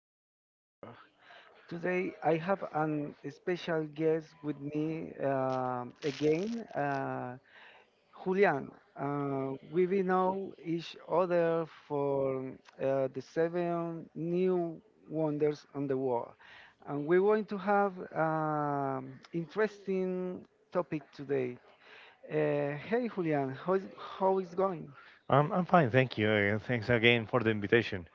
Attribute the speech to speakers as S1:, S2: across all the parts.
S1: today's chapter. Today I have an special guest with me again, uh, Julian. We will know each other for the seven new wonders on the world, and we're going to have interesting topic today. Uh, Hey Julian, how is going?
S2: I'm fine, thank you. Thanks again for the invitation.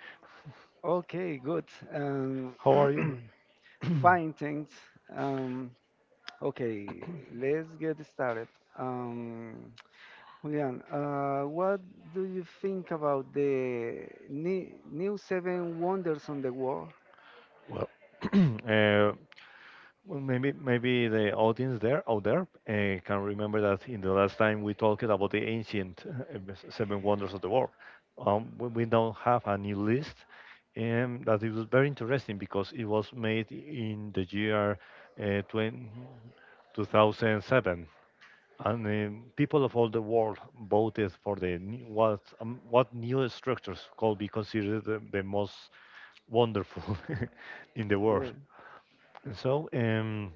S1: Okay, good. Um,
S2: How are you?
S1: Fine, thanks. Um, okay, let's get started. Um, Julian, what do you think about new seven wonders on the world?
S2: Well, uh, well, maybe the audience there out there can remember that in the last time we talked about the ancient seven wonders of the world. We now have a new list, that it was very interesting because it was made in the year uh, 20, 2007. And people of all the world voted for the new- what new structures could be considered the most wonderful in the
S1: Yeah.
S2: world. So, um,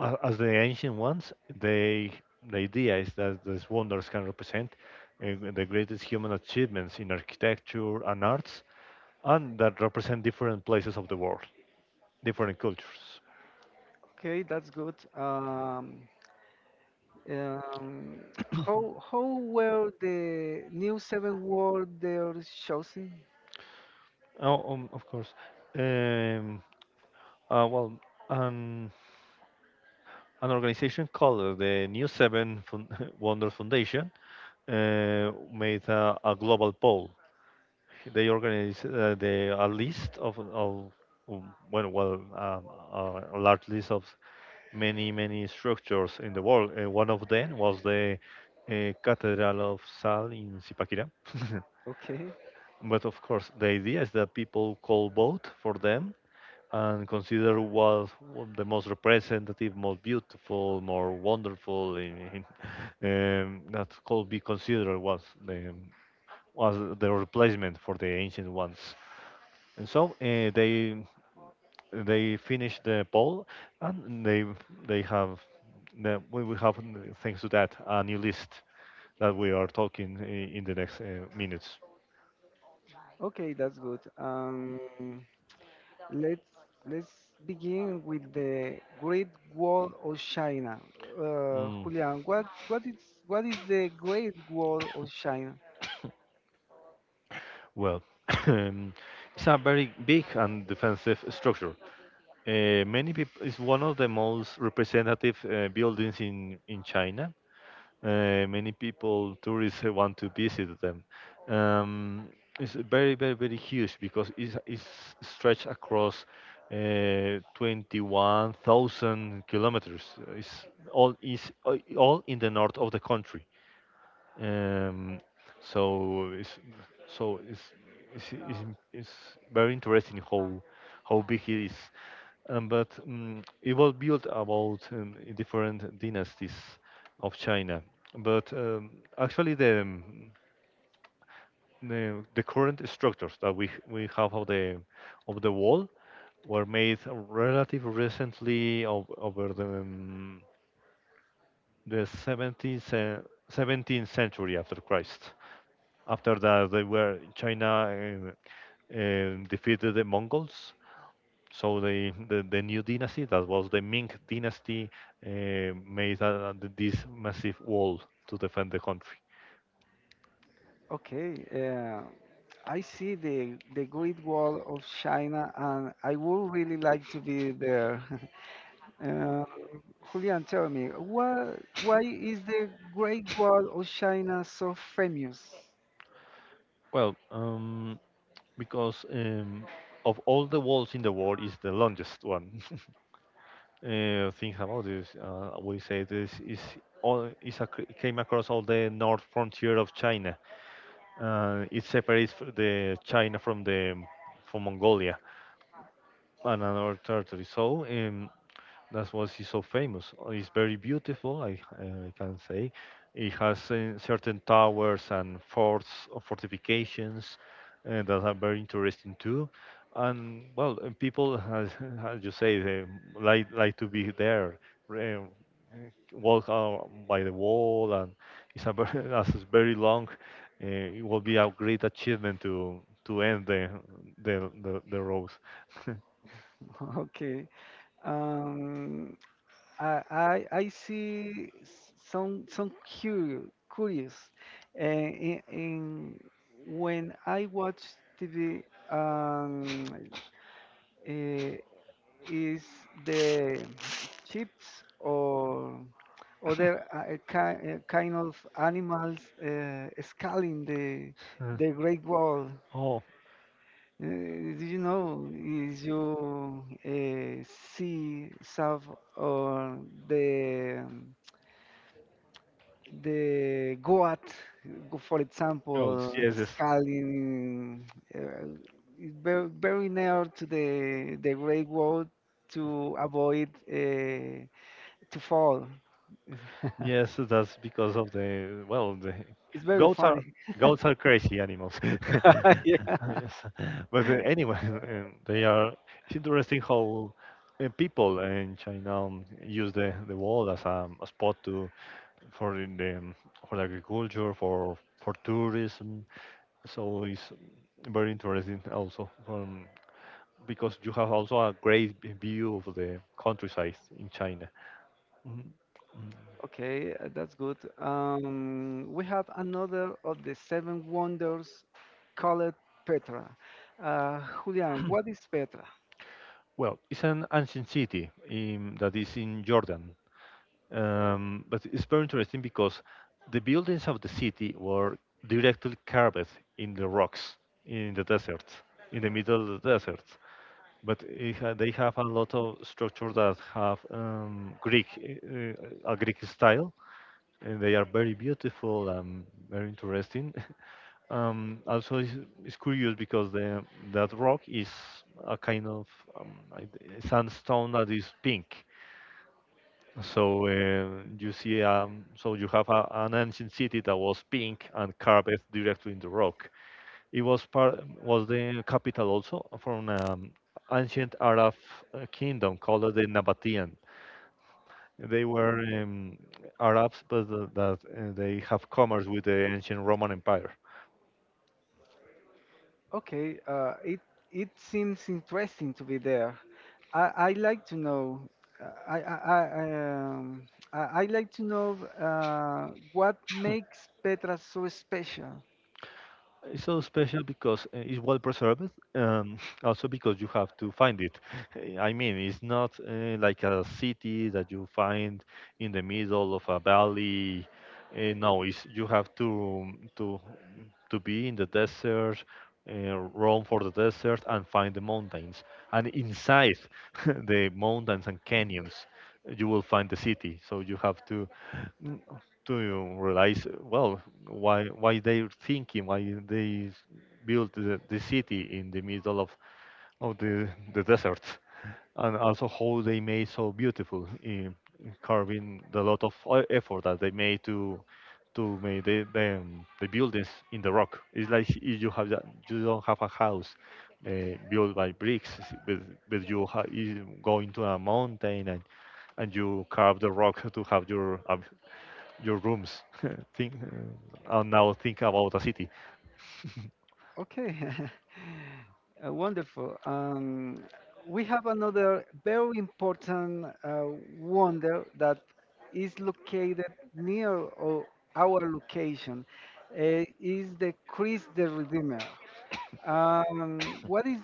S2: as the ancient ones, the idea is that these wonders can represent the greatest human achievements in architecture and arts, and that represent different places of the world, different cultures.
S1: Okay, that's good. Um, how were the new seven wonders chosen?
S2: Oh, of course. Um, uh, well, um, an organization called the New Seven Fun- Wonder Foundation made a global poll. They organized a list of a large list of many, many structures in the world. And one of them was the Cathedral of Sal in Zipaquirá.
S1: Okay.
S2: But of course, the idea is that people call vote for them and consider what the most representative, most beautiful, more wonderful, in, that could be considered was the replacement for the ancient ones. And so they finished the poll, and they have we will have thanks to that a new list that we are talking in the next minutes.
S1: Okay, that's good. Let's let's begin with the Great Wall of China.
S2: Mm.
S1: Julian, what is the Great Wall of China?
S2: Well, it's a very big and defensive structure. Many people, it's one of the most representative buildings in China. Many people, tourists, want to visit them. Um, it's very, very, very huge because it's stretched across 21,000 kilometers. It's all, is all in the north of the country. Um, so it's so it's it's, it's, it's very interesting how big it is. But it was built about different dynasties of China. But actually, the current structures that we have of the wall were made relatively recently over the 17th century after Christ. After that, they were China defeated the Mongols. So the new dynasty, that was the Ming dynasty, uh, made this massive wall to defend the country.
S1: Okay, I see the Great Wall of China, and I would really like to be there. uh, Julian, tell me, why is the Great Wall of China so famous?
S2: Well, because of all the walls in the world, is the longest one. Uh, think about this. We say this is all is came across all the north frontier of China. It separates the China from the from Mongolia. Another Tartary. So that's why she's so famous. It's very beautiful, I can say. It has certain towers and forts or fortifications that are very interesting too. And well, people, as, as you say, they like to be there, re- uh, walk out by the wall, and it's a very, as it's very long. It will be a great achievement to end the road.
S1: Okay. Um, I see some curious curious in when I watch TV um, uh, is the chips or other kind of animals scaling the the Great Wall.
S2: Oh,
S1: Uh, do you know if you see some or the the goat, for
S2: goats.
S1: example, yeah,
S2: Yes, yes,
S1: scaling uh, is very near to the great wall to avoid to fall.
S2: yes. That's because of the well, the
S1: It's very
S2: goats are
S1: funny.
S2: goats are crazy animals. Yes,
S1: Yeah.
S2: but anyway, they are. It's interesting how people in China use the wall as a spot to for in the for the agriculture for tourism. So it's very interesting also from because you have also a great view of the countryside in China. Mhm. Mm.
S1: Okay, that's good. We have another of the seven wonders called Petra. Uh, Julian, what is Petra?
S2: Well, it's an ancient city that is in Jordan, but it's very interesting because the buildings of the city were directly carved in the rocks in the desert, in the middle of the desert. But they have a lot of structures that have uh, a Greek style, and they are very beautiful and very interesting, also, it's curious because the that rock is a kind of a sandstone that is pink. So you see, so you have an ancient city that was pink and carved directly in the rock. It was the capital also from ancient Arab kingdom called the Nabatean. They were Arabs, but that they have commerce with the ancient Roman Empire.
S1: Okay, it it seems interesting to be there. I like to know. uh, I I I I like to know what makes Petra so special.
S2: It's so special because it's well preserved, also because you have to find it. I mean, it's not like a city that you find in the middle of a valley. No, it's, you have to to be in the desert, roam for the desert, and find the mountains. And inside the mountains and canyons, you will find the city. So you have to realize well why they're thinking why built the city in the middle of the desert and also how they made so beautiful in carving the lot of effort that they made to make the buildings in the rock. It's like if you have that, you don't have a house built by bricks but, but you go into a mountain and you carve the rock to have your rooms. Think and now think about a city.
S1: Okay, wonderful. We have another very important wonder that is located near o- our location. Is the Christ the Redeemer. Um, what is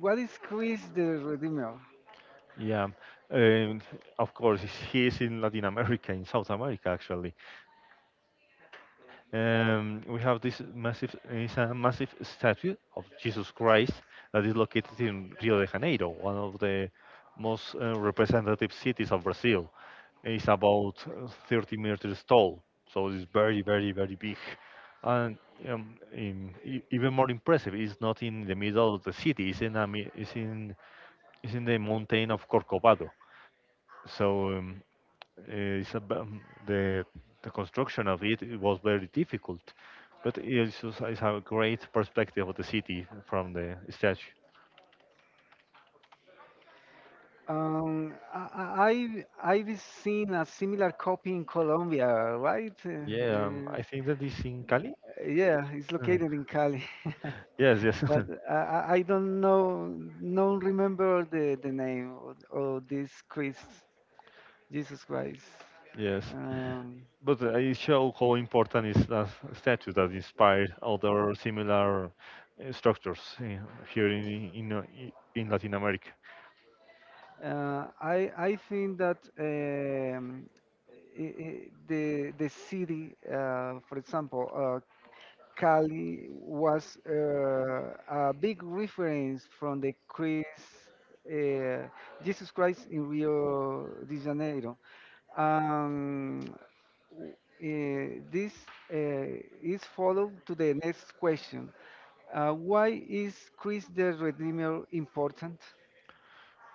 S1: what is Chris the Redeemer?
S2: Yeah, and of course he is in Latin America, in South America actually. We have this massive, it's a massive statue of Jesus Christ that is located in Rio de Janeiro, one of the most representative cities of Brazil. Is about 30 meters tall, so it's very, very, very big. And even more impressive, it's not in the middle of the city. It's in the mountain of Corcovado. So uh, it's a, b- the the construction of it, it was very difficult, but it's a great perspective of the city from the statue.
S1: I, I've seen a similar copy in Colombia, right?
S2: Yeah,
S1: Uh,
S2: I think that is in Cali.
S1: yeah, it's
S2: Uh,
S1: located in Cali,
S2: yes, yes.
S1: but I don't know, don't remember the name of this Christ, Jesus Christ.
S2: Yes,
S1: Um,
S2: but it shows how important is that statue that inspired other similar structures here in Latin America.
S1: I think that I the city, for example, Cali was a big reference from the Christ, uh, Jesus Christ in Rio de Janeiro. Um, this uh, is followed to the next question. Why is Christ the Redeemer important?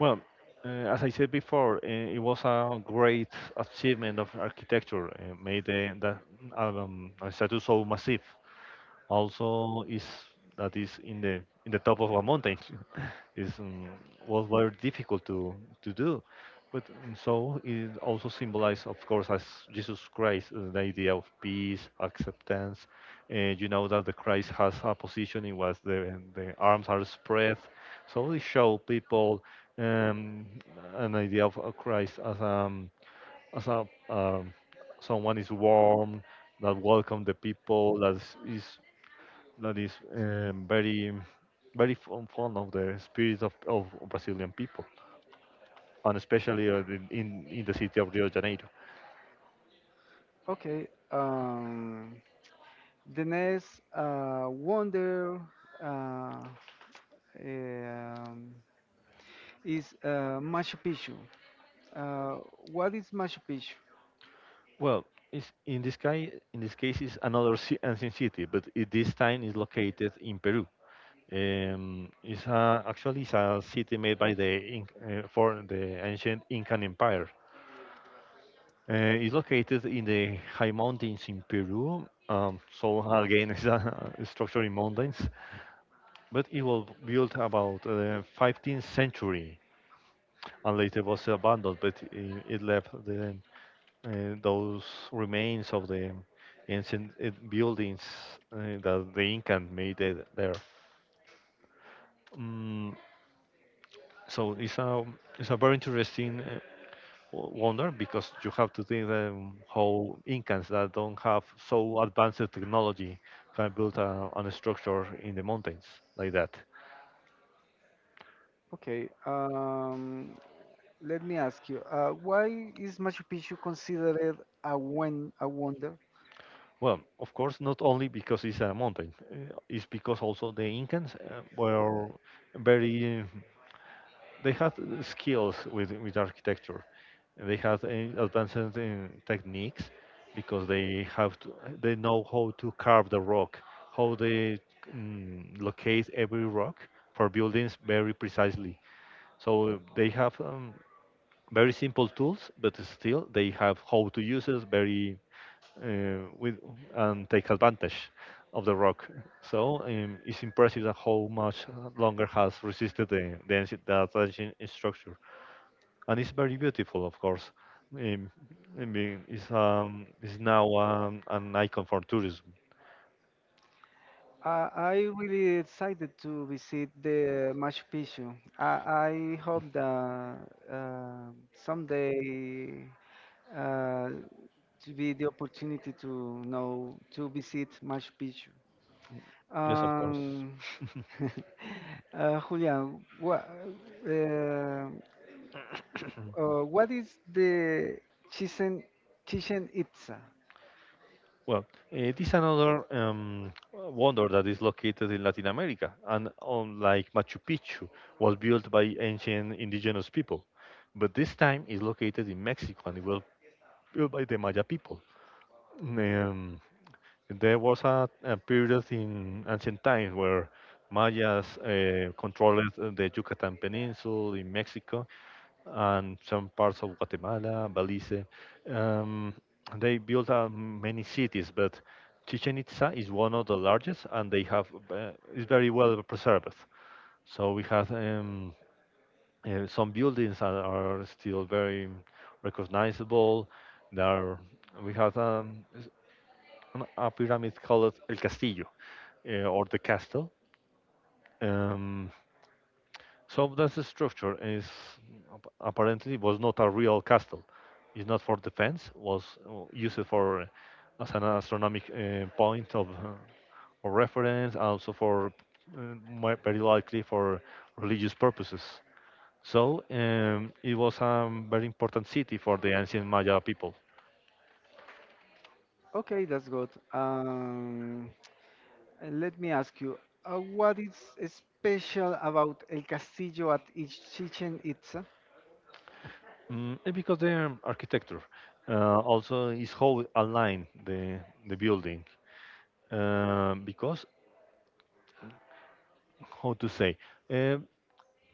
S2: Well, as I said before, it was a great achievement of architecture made that a statue so massive. Also is that is in the top of a mountain is was very difficult to do but so it also symbolizes of course as Jesus Christ, the idea of peace acceptance. You know that the Christ has a position in which the arms are spread, so they show people um, an idea of Christ as a someone is warm that welcome the people is that is very very fond of the spirit of Brazilian people, and especially in the city of Rio de Janeiro.
S1: Okay. The next wonder uh, um, is Machu Picchu. Uh, what is Machu Picchu?
S2: Well, it's, in this guy in this case is another ancient city, but it, this time is located in Peru. Actually it's a city made by the for the ancient Incan Empire. It's located in the high mountains in Peru. So again, it's a structure in mountains but it was built about 15th century and later was abandoned but it left the those remains of the ancient buildings that the Incan made it there. Mm, so it's a very interesting wonder because you have to think how Incans that don't have so advanced technology can build an structure in the mountains like that.
S1: Okay, let me ask you, why is Machu Picchu considered a wonder?
S2: Well, of course, not only because it's a mountain, it's because also the Incans were very, they had skills with architecture. They had advanced techniques because they have to, they know how to carve the rock, how they mm, locate every rock for buildings very precisely. So they have very simple tools, but still they have how to use it very with and take advantage of the rock. So it's impressive that how much longer has resisted the ancient structure, and it's very beautiful, of course. Um, I mean, it's now an icon for tourism.
S1: I really excited to visit the Machu Picchu. I hope that uh, someday uh, to be the opportunity to know to visit Machu Picchu.
S2: Yes, of course.
S1: Um, Julian, what? What is the Chichen Chichen Itza?
S2: Well, eh, it is another wonder that is located in Latin America, and unlike Machu Picchu, was built by ancient indigenous people, but this time is located in Mexico and it was built by the Maya people. Um, there was a period in ancient times where Mayas controlled the Yucatan Peninsula in Mexico and some parts of Guatemala, Belize. Um, they built many cities, but Chichen Itza is one of the largest, and they have is very well preserved. So we have some buildings that are still very recognizable. There, we have and a pyramid called El Castillo or the castle. Um, so that's the structure. Is apparently was not a real castle. It's not for defense. Was used for as an astronomic point of reference, also for uh, very likely for religious purposes. So it was a very important city for the ancient Maya people.
S1: Okay, that's good. And let me ask you, what is special about El Castillo at Chichen Itza?
S2: Because the architecture also is how we align the building. Because how to say uh,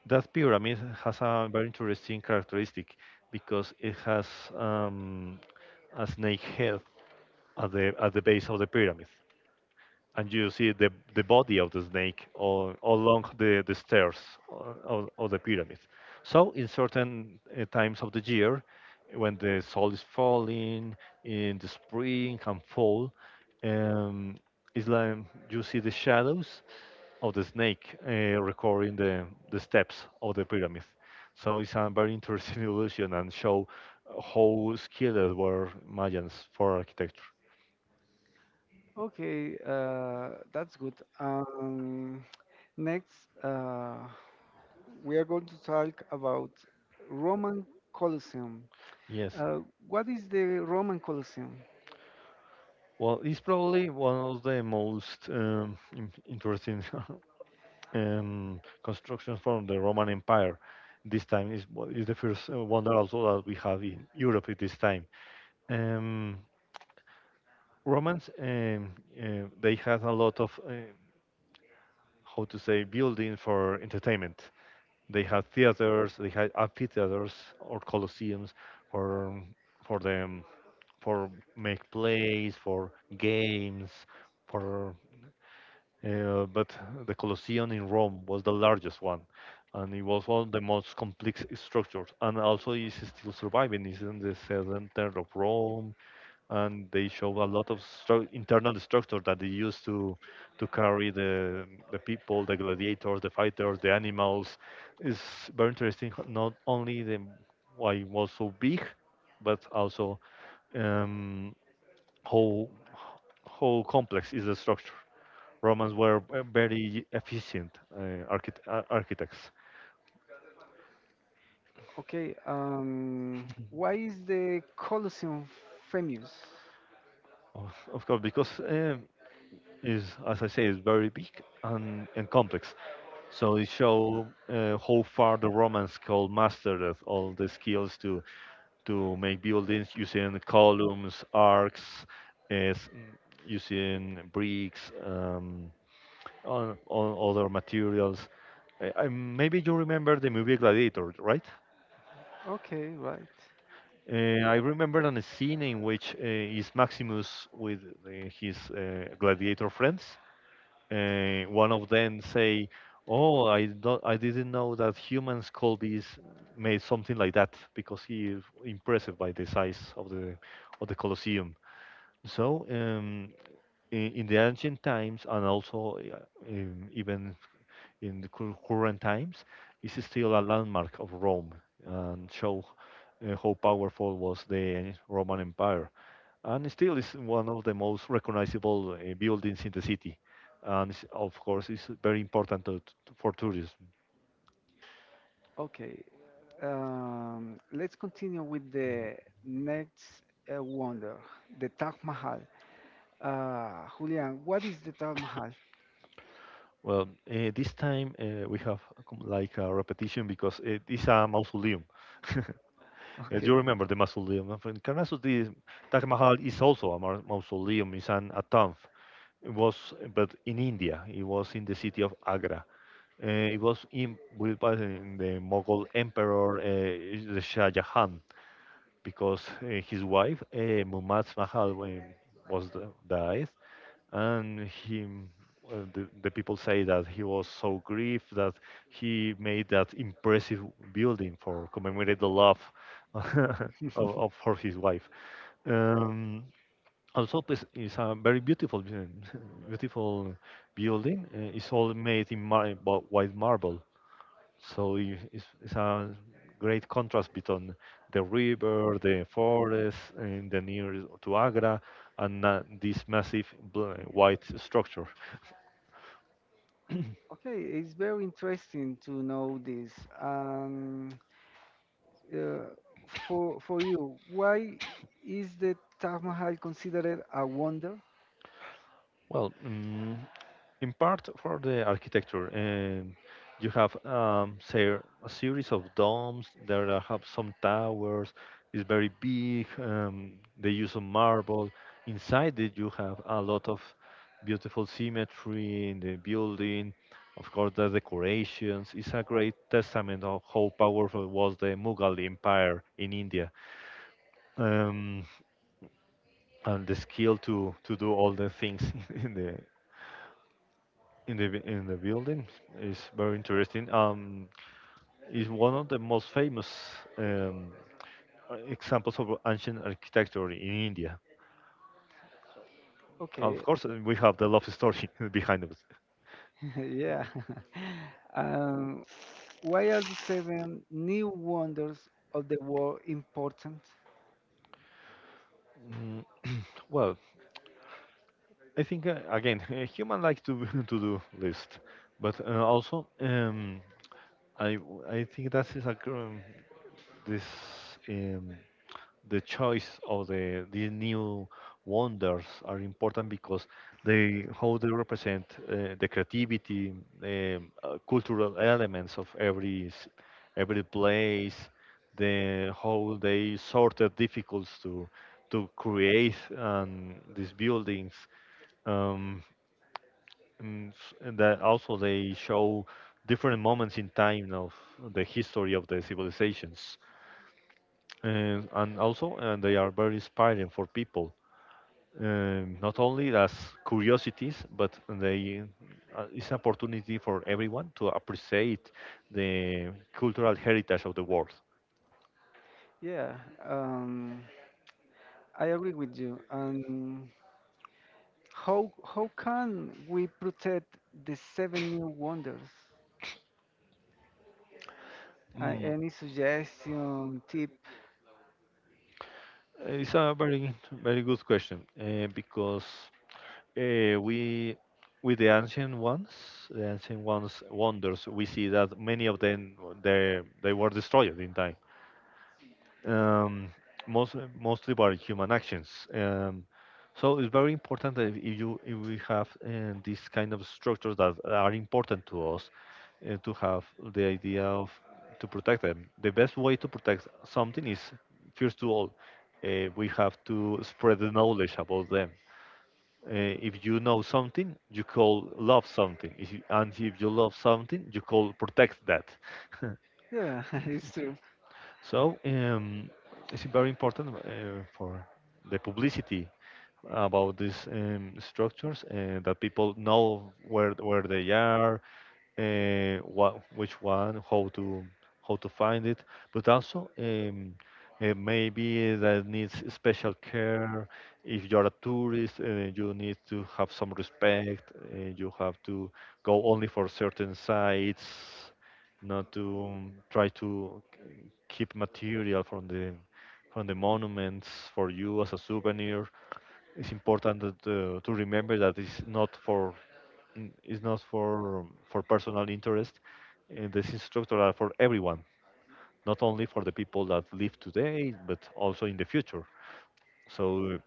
S2: that pyramid has a very interesting characteristic because it has um, a snake head at the base of the pyramid. And you see the body of the snake all along the stairs of the pyramid. So, in certain times of the year, when the sol is falling in the spring and fall, um, it's like you see the shadows of the snake recording the steps of the pyramid. So, it's a very interesting illusion and show how skilled were Mayans for architecture.
S1: Okay, that's good. Next, uh, we are going to talk about Roman Colosseum.
S2: Yes.
S1: Uh, what is the Roman Colosseum?
S2: Well, it's probably one of the most interesting constructions from the Roman Empire. This time is what is the first one that also that we have in Europe at this time. Um, Romans, they had a lot of how to say building for entertainment. They had theaters, they had amphitheaters or colosseums for for them for make plays, for games, for but the Colosseum in Rome was the largest one, and it was one of the most complex structures. And also, is still surviving. It's in the center of Rome, and they show a lot of internal structure that they used to carry the people, the gladiators, the fighters, the animals. It's very interesting. Not only the why it was so big, but also um, how how complex is the structure. Romans were very efficient architects,
S1: Okay, why is the Colosseum famous?
S2: of course, because is as I say, is very big and complex. So it show how far the Romans could master all the skills to make buildings using columns, arcs, uh, s- using bricks, on other materials. Maybe you remember the movie Gladiator, right?
S1: Okay, right.
S2: Uh, I remember on a scene in which is Maximus with his gladiator friends. One of them say, "Oh, I don't, I didn't know that humans called this made something like that because he is impressed by the size of the Colosseum." So in the ancient times, and also even in the current times is still a landmark of Rome and show how powerful was the Roman Empire. And still is one of the most recognizable buildings in the city. And it's of course, it's very important to for tourism.
S1: Okay, let's continue with the next wonder, the Taj Mahal. Julian, what is the Taj Mahal?
S2: Well, this time we have a like a repetition because it is a mausoleum. Do
S1: Okay,
S2: you remember the mausoleum of Encarnasus? The Taj Mahal is also a mausoleum, it's an, a tomb. It was, but in India, it was in the city of Agra. It was in, built by the Mughal Emperor the Shah Jahan because his wife Mumtaz Mahal was the, died, and him. The people say that he was so grieved that he made that impressive building for commemorate the love of, of for his wife. Um, Also, it's a very beautiful building. It's all made in white marble, so it's a great contrast between the river, the forest, and the near to Agra, and this massive white structure.
S1: okay, it's very interesting to know this. Um, uh, for you, why is the Taj Mahal considered a wonder?
S2: Well, in part for the architecture, you have say a series of domes. There are have some towers. It's very big. They use of marble. Inside it, you have a lot of beautiful symmetry in the building. Of course, the decorations. It's a great testament of how powerful was the Mughal Empire in India, um, and the skill to do all the things in the in the in the building is very interesting. Is one of the most famous um, examples of ancient architecture in India. Of
S1: Okay,
S2: course, we have the love story behind us.
S1: yeah. Um, why are the seven new wonders of the world important?
S2: Mm, well, I think again, human like to to do list, but also I think that is a gr- this um, the choice of the new wonders are important because they how they represent the creativity, cultural elements of every place, the how they sorted difficulties to create these buildings um, and that also they show different moments in time of the history of the civilizations and also and they are very inspiring for people not only as curiosities but they it's an opportunity for everyone to appreciate the cultural heritage of the world.
S1: Yeah, um, I agree with you. And how can we protect the seven new wonders?
S2: Mm,
S1: Any suggestion, tip?
S2: it's a very good question because we with the ancient ones wonders, we see that many of them they were destroyed in time. Um, Most mostly by human actions. So it's very important that if you if we have these kind of structures that are important to us, to have the idea of to protect them. The best way to protect something is first of all, we have to spread the knowledge about them. If you know something, you call love something, if you, and if you love something, you call protect that.
S1: Yeah, it's true.
S2: So it's very important for the publicity about these structures that people know where they are what which one, how to find it, but also maybe that needs special care. If you're a tourist, you need to have some respect. You have to go only for certain sites, not to try to keep material from the monuments for you as a souvenir. It's important that, to remember that it's not for is not for for personal interest. And these instructors are for everyone, not only for the people that live today, but also in the future. So,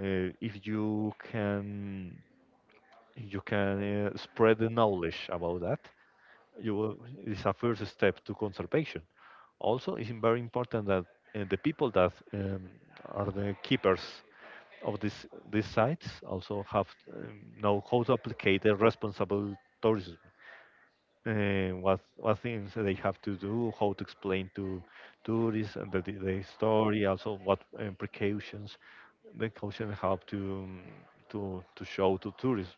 S2: uh, if you can you can spread the knowledge about that, you will, it's a first step to conservation. Also, it's very important that the people that are the keepers of this these sites also have know how to apply the responsible tourism what things they have to do, how to explain to tourists and the story, also what precautions the caution have to show to tourists.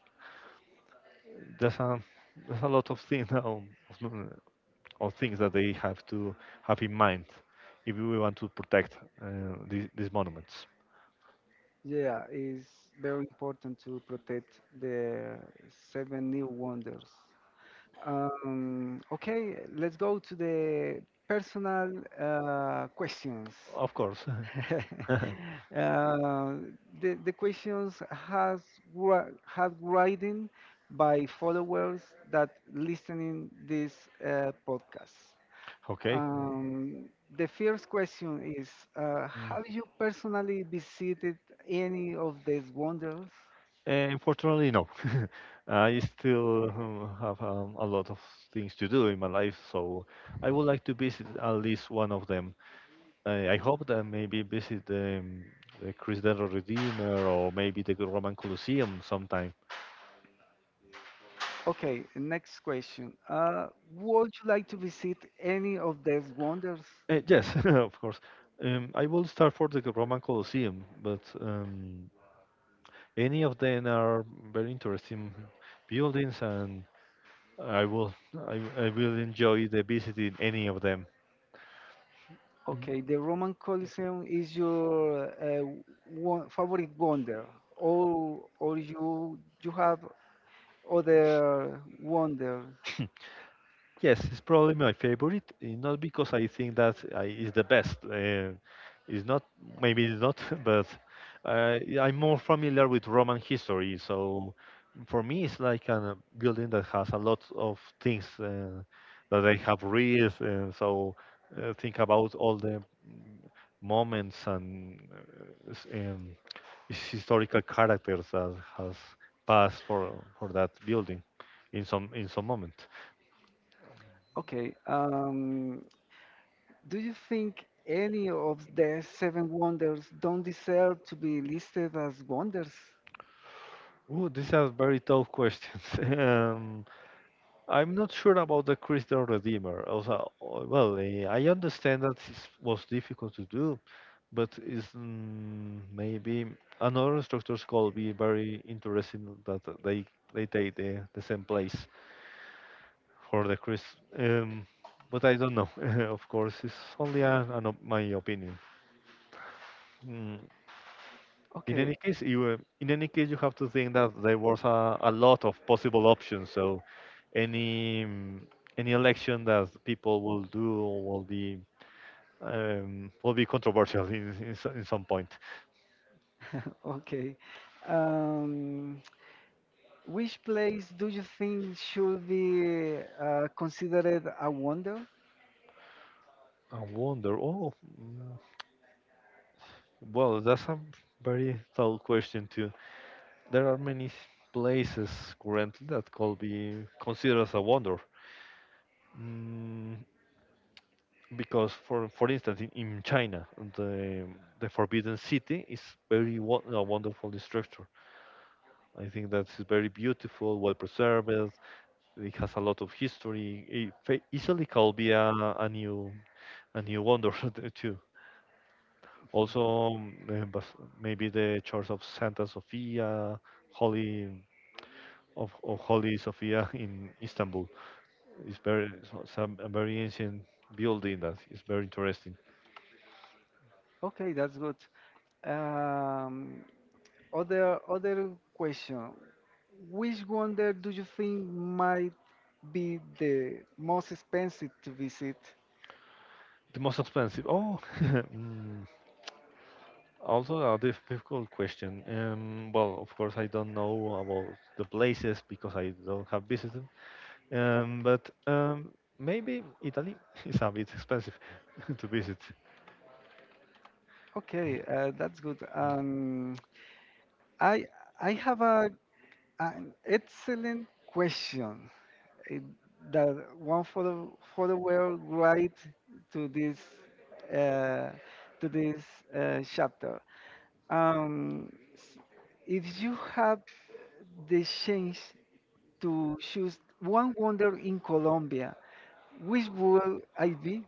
S2: There's a there's a lot of things now of, of things that they have to have in mind if we want to protect these monuments.
S1: Yeah, it's very important to protect the seven new wonders. Okay, let's go to the personal questions.
S2: Of course.
S1: Uh, the had writing by followers that listening this podcast.
S2: Okay.
S1: Um, the first question is,
S2: Mm.
S1: have you personally visited any of these wonders?
S2: Unfortunately, no. I still have a lot of things to do in my life, so I would like to visit at least one of them. I hope that maybe visit the Christ the Redeemer or maybe the Roman Colosseum sometime.
S1: Okay, next question. Would you like to visit any of these wonders?
S2: Yes, of course. I will start for the Roman Colosseum, but any of them are very interesting buildings, and I will I will enjoy the visiting any of them. Mhm.
S1: Okay, the Roman Colosseum is your favorite wonder, or you have other wonders?
S2: Yes, it's probably my favorite. Not because I think that I is the best. It's not, maybe it's not, but yeah, I'm more familiar with Roman history. So for me, it's like a building that has a lot of things that I have read. And so think about all the moments and, and historical characters that has passed for that building in some moment.
S1: Okay, do you think any of the seven wonders don't deserve to be listed as wonders?
S2: Ooh, these are very tough questions. Um, I'm not sure about the Christ the Redeemer. Also, well, I understand that it was difficult to do, but is maybe another structures could be very interesting that they take the same place for the Christ. Um, but I don't know. Of course, it's only a, an my opinion. Mm, In
S1: Okay,
S2: any case, you in any case you have to think that there was a lot of possible options. So any any election that people will do will be will be controversial in in some point.
S1: okay. Um, Which place do you think should be considered a wonder?
S2: I wonder. Oh, mm, well, that's a very tough question too. There are many places currently that could be considered as a wonder. Mm, because for instance in China the the Forbidden City is very a wonderful structure. I think that is very beautiful, well preserved. It has a lot of history. It easily could be a new a new wonder there too. Also, but maybe the Church of Santa Sofia, Holy of Holy Sofia in Istanbul is very some a very ancient building that is very interesting.
S1: Okay, that's good. Um, Other question. Which wonder do you think might be the most expensive to visit?
S2: The most expensive. Oh, also a difficult question. Well, of course, I don't know about the places because I don't have visited. But maybe Italy is a bit expensive to visit.
S1: Okay, that's good. I I have a an excellent question. Eh, that one for the world right to this uh, to this chapter. Um, s- if you have the chance to choose one wonder in Colombia, which will I be?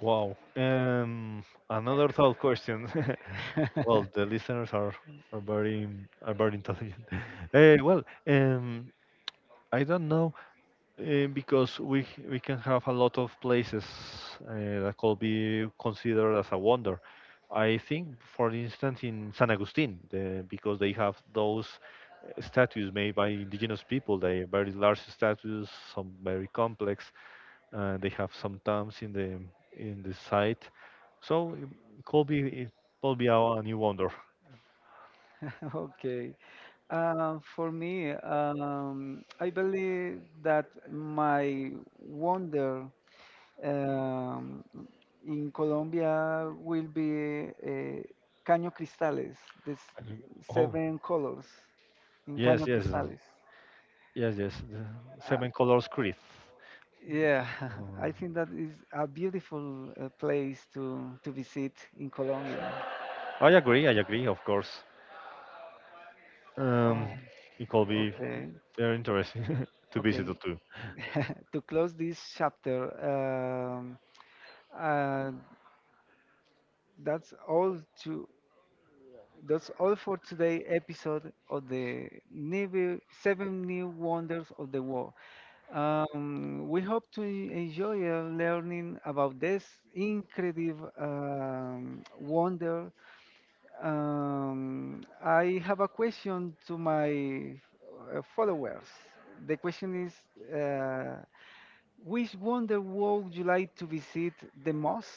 S2: Wow. Another thought question. Well, the listeners are very are very intelligent. Well, I don't know. Because we can have a lot of places uh, that could be considered as a wonder. I think, for instance, in San Agustin, the, because they have those statues made by indigenous people. They are very large statues, some very complex. They have some tombs in the site, so it could be a new wonder.
S1: Okay. For me, I believe that my wonder Um, in Colombia will be Caño Cristales, this
S2: And- Oh
S1: seven colors in
S2: yes,
S1: Caño
S2: yes,
S1: Cristales.
S2: yes, yes. The
S1: Uh,
S2: seven colors creed.
S1: yeah, I think that is a beautiful place to visit in Colombia.
S2: I agree. I agree. Of course,
S1: Oh,
S2: um, it could be
S1: okay,
S2: very interesting to visit
S1: okay.
S2: too.
S1: To close this chapter, um, uh, that's all to That's all for today episode of the new, seven new wonders of the world. We hope to enjoy learning about this incredible wonder. I have a question to my followers. The question is, which wonder world would you like to visit the most?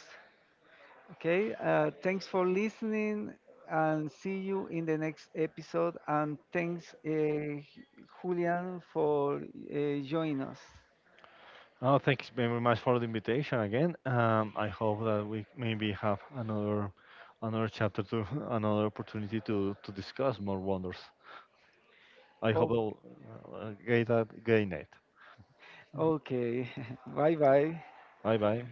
S1: Okay, thanks for listening and see you in the next episode. And thanks, Julian, for joining us.
S2: Oh, thanks very much for the invitation again. I hope that we maybe have another another chapter to another opportunity to discuss more wonders. I hope
S1: Oh,
S2: I'll get that gain it.
S1: okay, bye bye.
S2: Bye bye.